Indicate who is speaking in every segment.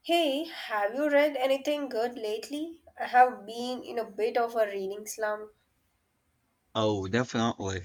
Speaker 1: Hey, have you read anything good lately? I have been in a bit of a reading slump.
Speaker 2: Oh, definitely.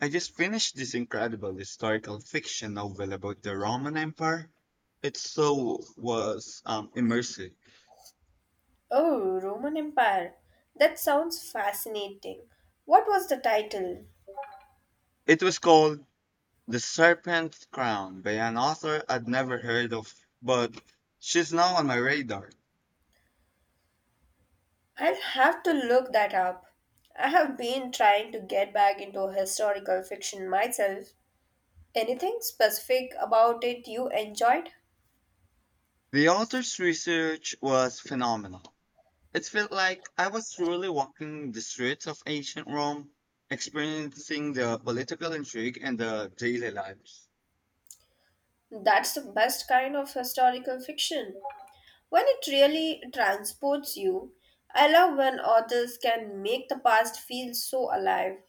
Speaker 2: I just finished this incredible historical fiction novel about the Roman Empire. It so was immersive.
Speaker 1: Oh, Roman Empire. That sounds fascinating. What was the title?
Speaker 2: It was called The Serpent's Crown by an author I'd never heard of, but she's now on my radar.
Speaker 1: I'll have to look that up. I have been trying to get back into historical fiction myself. Anything specific about it you enjoyed?
Speaker 2: The author's research was phenomenal. It felt like I was truly walking the streets of ancient Rome, experiencing the political intrigue and the daily lives.
Speaker 1: That's the best kind of historical fiction. When it really transports you, I love when authors can make the past feel so alive.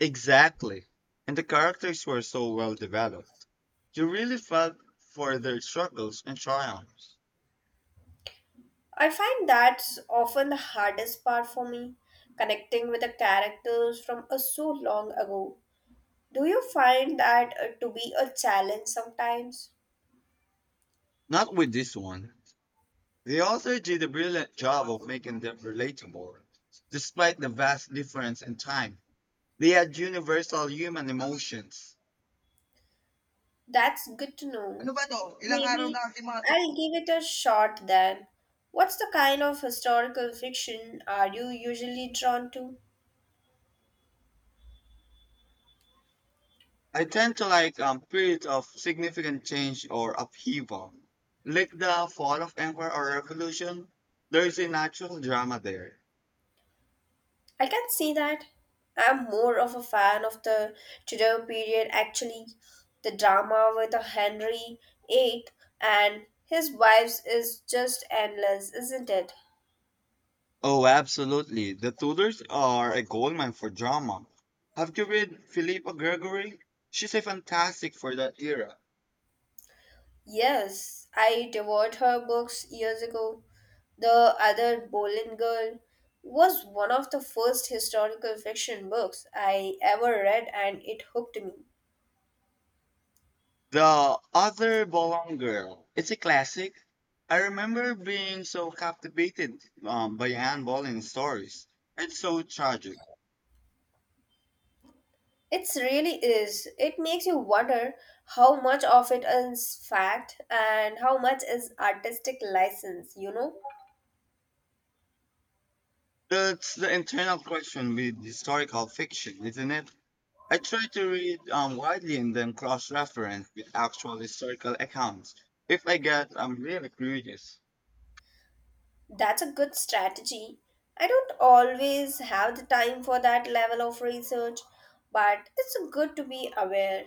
Speaker 2: Exactly. And the characters were so well developed. You really felt for their struggles and triumphs.
Speaker 1: I find that's often the hardest part for me, connecting with the characters from a so long ago. Do you find that to be a challenge sometimes?
Speaker 2: Not with this one. The author did a brilliant job of making them relatable. Despite the vast difference in time, they had universal human emotions.
Speaker 1: That's good to
Speaker 2: Ano
Speaker 1: know.
Speaker 2: ba to? Ilang araw
Speaker 1: Maybe
Speaker 2: na aking mga tu-
Speaker 1: I'll give it a shot then. What's the kind of historical fiction are you usually drawn to?
Speaker 2: I tend to like periods of significant change or upheaval. Like the fall of empire or revolution, there's a natural drama there.
Speaker 1: I can see that. I'm more of a fan of the Tudor period actually. The drama with the Henry VIII and his wives is just endless, isn't it?
Speaker 2: Oh, absolutely. The Tudors are a goldmine for drama. Have you read Philippa Gregory? She's a fantastic for that era.
Speaker 1: Yes, I devoured her books years ago. The Other Boleyn Girl was one of the first historical fiction books I ever read and it hooked me.
Speaker 2: The Other Bolong Girl. It's a classic. I remember being so captivated by Anne Boleyn's stories. It's so tragic.
Speaker 1: It really is. It makes you wonder how much of it is fact and how much is artistic license, you know?
Speaker 2: That's the internal question with historical fiction, isn't it? I try to read widely and then cross-reference with actual historical accounts if I get really curious.
Speaker 1: That's a good strategy. I don't always have the time for that level of research, but it's good to be aware.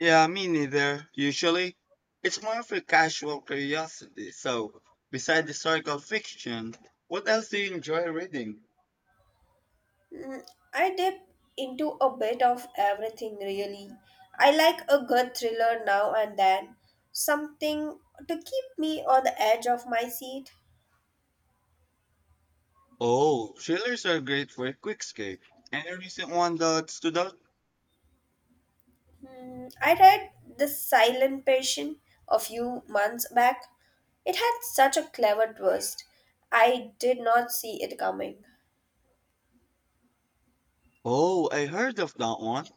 Speaker 2: Yeah, me neither, usually. It's more of a casual curiosity. So, besides historical fiction, what else do you enjoy reading?
Speaker 1: Mm, I dip into a bit of everything, really. I like a good thriller now and then, something to keep me on the edge of my seat.
Speaker 2: Oh, thrillers are great for a quick escape. Any recent one that stood out?
Speaker 1: I read The Silent Patient a few months back. It had such a clever twist. I did not see it coming.
Speaker 2: Oh, I heard of that one.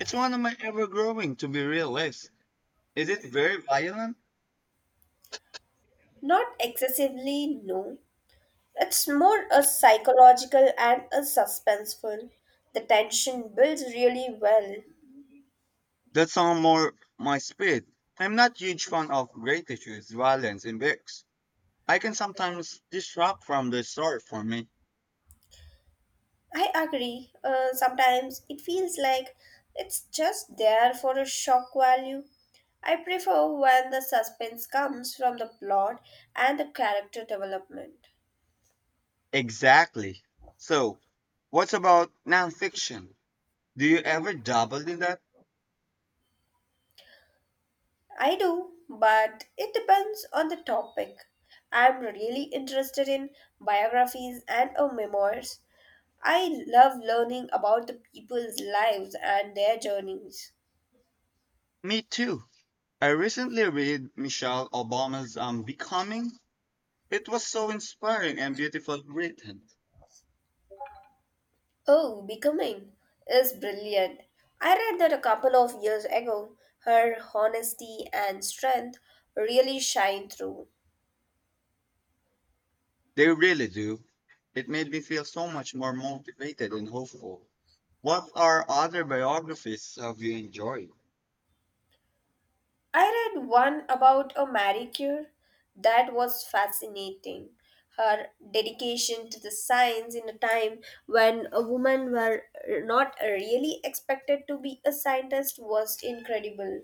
Speaker 2: It's one of my ever growing, to be real list. Is it very violent?
Speaker 1: Not excessively, no. It's more a psychological and a suspenseful. The tension builds really well.
Speaker 2: That's on more my speed. I'm not huge fan of great issues, violence in books. I can sometimes distract from the story for me.
Speaker 1: I agree. Sometimes it feels like it's just there for a shock value. I prefer when the suspense comes from the plot and the character development.
Speaker 2: Exactly. So, what about nonfiction? Do you ever dabble in that?
Speaker 1: I do, but it depends on the topic. I'm really interested in biographies and memoirs. I love learning about the people's lives and their journeys.
Speaker 2: Me too. I recently read Michelle Obama's Becoming. It was so inspiring and beautiful written.
Speaker 1: Oh, Becoming is brilliant. I read that a couple of years ago. Her honesty and strength really shine through.
Speaker 2: They really do. It made me feel so much more motivated and hopeful. What are other biographies have you enjoyed?
Speaker 1: I read one about a Marie Curie that was fascinating. Her dedication to the science in a time when women were not really expected to be a scientist was incredible.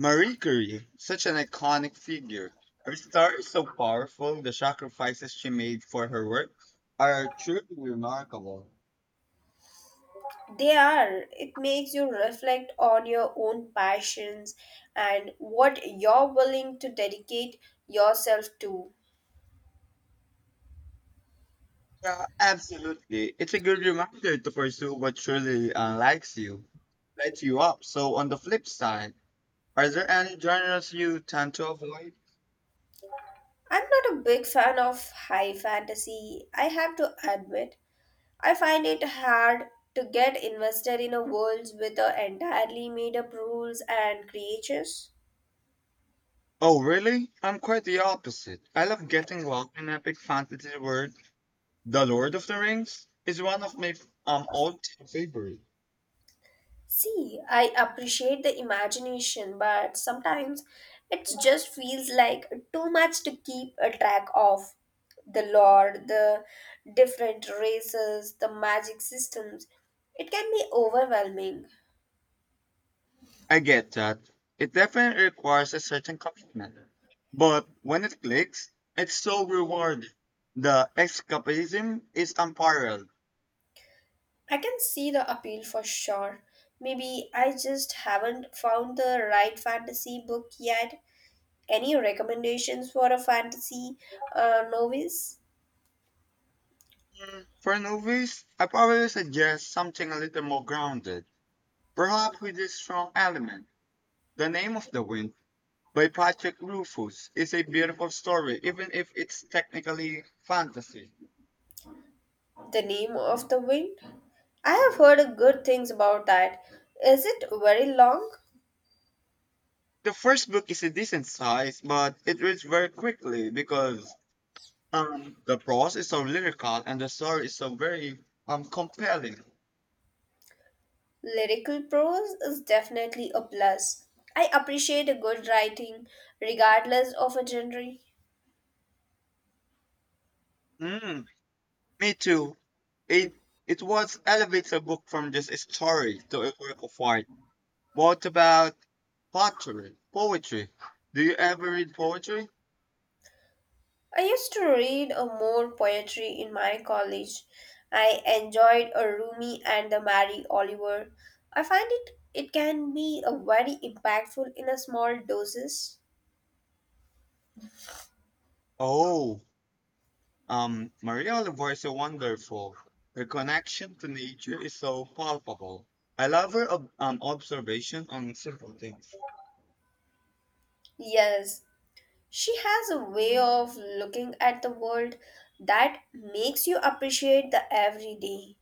Speaker 2: Marie Curie, such an iconic figure. Her story is so powerful. The sacrifices she made for her work are truly remarkable.
Speaker 1: They are. It makes you reflect on your own passions and what you're willing to dedicate yourself to.
Speaker 2: Yeah, absolutely. It's a good reminder to pursue what truly lights you up. So, on the flip side, are there any genres you tend to avoid?
Speaker 1: I'm not a big fan of high fantasy, I have to admit. I find it hard to get invested in a world with a entirely made up rules and creatures.
Speaker 2: Oh, really? I'm quite the opposite. I love getting locked in epic fantasy world. The Lord of the Rings is one of my all-time favorite.
Speaker 1: See, I appreciate the imagination, but sometimes it just feels like too much to keep a track of. The lore, the different races, the magic systems. It can be overwhelming.
Speaker 2: I get that. It definitely requires a certain commitment, but when it clicks, it's so rewarding. The escapism is unparalleled.
Speaker 1: I can see the appeal for sure. Maybe I just haven't found the right fantasy book yet. Any recommendations for a fantasy novice?
Speaker 2: Mm, for novice, I probably suggest something a little more grounded, perhaps with a strong element. The Name of the Wind by Patrick Rufus is a beautiful story, even if it's technically fantasy.
Speaker 1: The Name of the Wind? I have heard good things about that. Is it very long?
Speaker 2: The first book is a decent size, but it reads very quickly because the prose is so lyrical and the story is so very compelling.
Speaker 1: Lyrical prose is definitely a plus. I appreciate a good writing, regardless of a genre.
Speaker 2: Mm, me too. It it was elevates a book from just a story to a work of art. What about pottery? Poetry. Do you ever read poetry?
Speaker 1: I used to read a more poetry in my college. I enjoyed a Rumi and the Mary Oliver. I find it can be a very impactful in a small doses.
Speaker 2: Oh, Maria Oliver is so wonderful. Her connection to nature is so palpable. I love her observation on simple things.
Speaker 1: Yes, she has a way of looking at the world that makes you appreciate the everyday.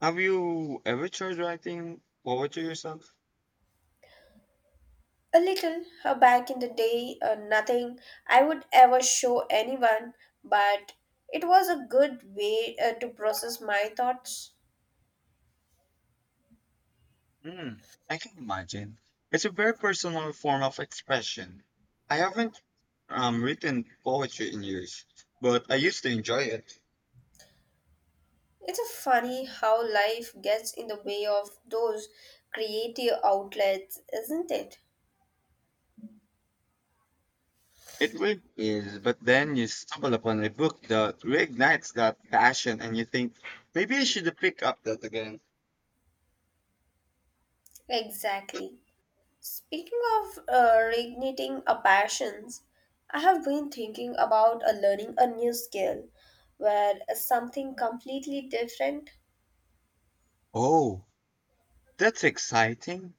Speaker 2: Have you ever tried writing poetry yourself?
Speaker 1: A little back in the day, nothing I would ever show anyone, but it was a good way to process my thoughts.
Speaker 2: Hmm, I can imagine. It's a very personal form of expression. I haven't written poetry in years, but I used to enjoy it.
Speaker 1: It's a funny how life gets in the way of those creative outlets, isn't it?
Speaker 2: It really is, but then you stumble upon a book that reignites that passion and you think, maybe I should pick up that again.
Speaker 1: Exactly. Speaking of reigniting a passions, I have been thinking about learning a new skill where something completely different.
Speaker 2: Oh, that's exciting.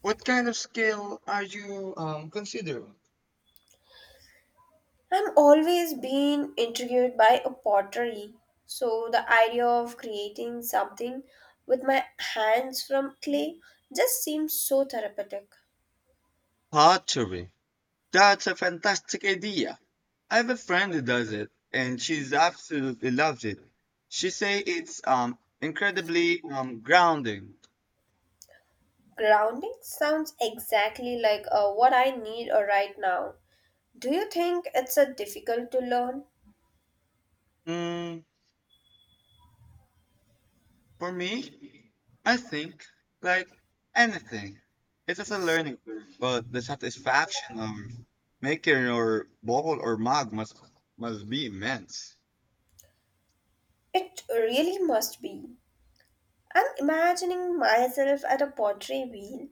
Speaker 2: What kind of skill are you considering?
Speaker 1: I'm always been intrigued by a pottery. So the idea of creating something with my hands from clay just seems so therapeutic.
Speaker 2: Pottery. That's a fantastic idea. I have a friend who does it, and she's absolutely loves it. She say it's incredibly grounding.
Speaker 1: Grounding sounds exactly like what I need right now. Do you think it's a difficult to learn?
Speaker 2: Mm, for me, I think, like anything, it is a learning curve, but the satisfaction of making your bowl or mug must be immense.
Speaker 1: It really must be. I'm imagining myself at a pottery wheel,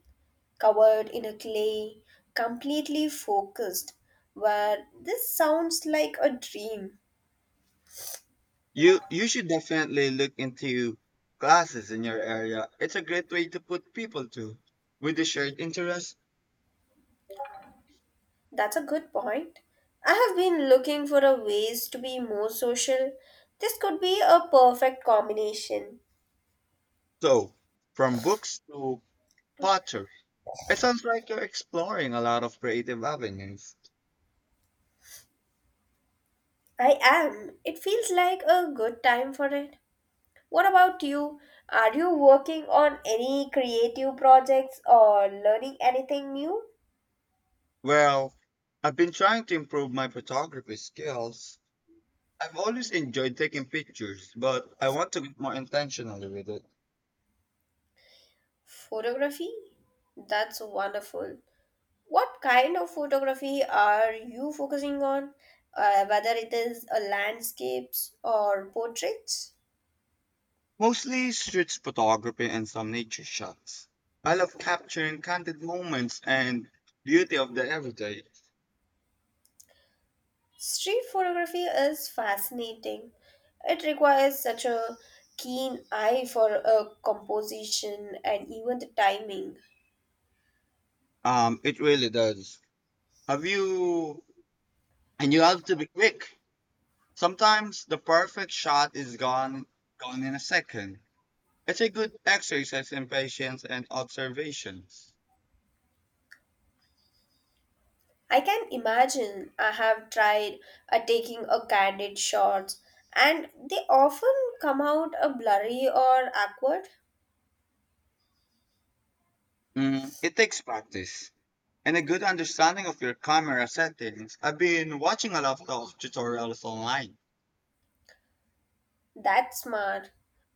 Speaker 1: covered in a clay, completely focused. Where this sounds like a dream.
Speaker 2: You should definitely look into classes in your area. It's a great way to put people to with a shared interest.
Speaker 1: That's a good point. I have been looking for a ways to be more social. This could be a perfect combination.
Speaker 2: So, from books to pottery, it sounds like you're exploring a lot of creative avenues.
Speaker 1: I am. It feels like a good time for it. What about you? Are you working on any creative projects or learning anything new?
Speaker 2: Well, I've been trying to improve my photography skills. I've always enjoyed taking pictures, but I want to get more intentional with it.
Speaker 1: Photography? That's wonderful. What kind of photography are you focusing on? Whether it is a landscapes or portraits?
Speaker 2: Mostly street photography and some nature shots. I love capturing candid moments and beauty of the everyday.
Speaker 1: Street photography is fascinating. It requires such a keen eye for a composition and even the timing.
Speaker 2: It really does. Have you? And you have to be quick. Sometimes the perfect shot is gone in a second. It's a good exercise in patience and observations.
Speaker 1: I can imagine I have tried taking a candid shots and they often come out a blurry or awkward.
Speaker 2: Mm, it takes practice and a good understanding of your camera settings. I've been watching a lot of tutorials online.
Speaker 1: That's smart.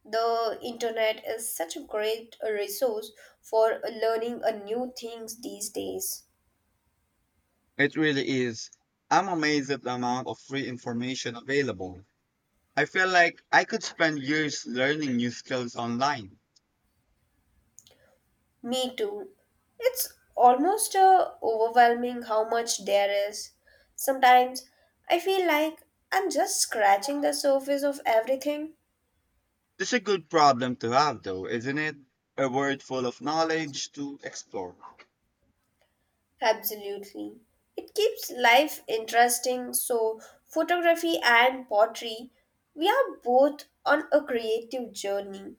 Speaker 1: The internet is such a great resource for learning a new things these days.
Speaker 2: It really is. I'm amazed at the amount of free information available. I feel like I could spend years learning new skills online.
Speaker 1: Me too. It's almost overwhelming how much there is. Sometimes I feel like I'm just scratching the surface of everything.
Speaker 2: It's a good problem to have, though, isn't it? A world full of knowledge to explore.
Speaker 1: Absolutely. It keeps life interesting, so photography and pottery, we are both on a creative journey.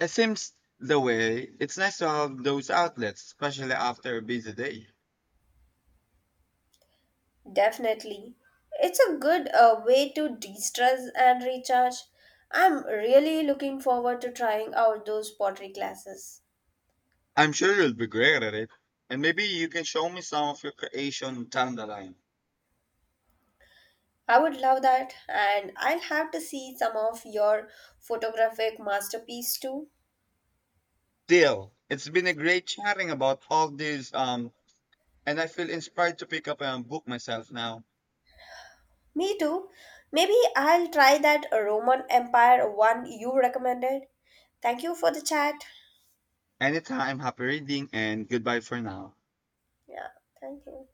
Speaker 2: It seems the way it's nice to have those outlets, especially after a busy day.
Speaker 1: Definitely. It's a good way to de-stress and recharge. I'm really looking forward to trying out those pottery classes.
Speaker 2: I'm sure you'll be great at it, and maybe you can show me some of your creation down the line.
Speaker 1: I would love that, and I'll have to see some of your photographic masterpiece too.
Speaker 2: Deal. It's been a great chatting about all these, and I feel inspired to pick up a book myself now.
Speaker 1: Me too. Maybe I'll try that Roman Empire one you recommended. Thank you for the chat.
Speaker 2: Anytime, happy reading, and goodbye for now.
Speaker 1: Yeah, thank you.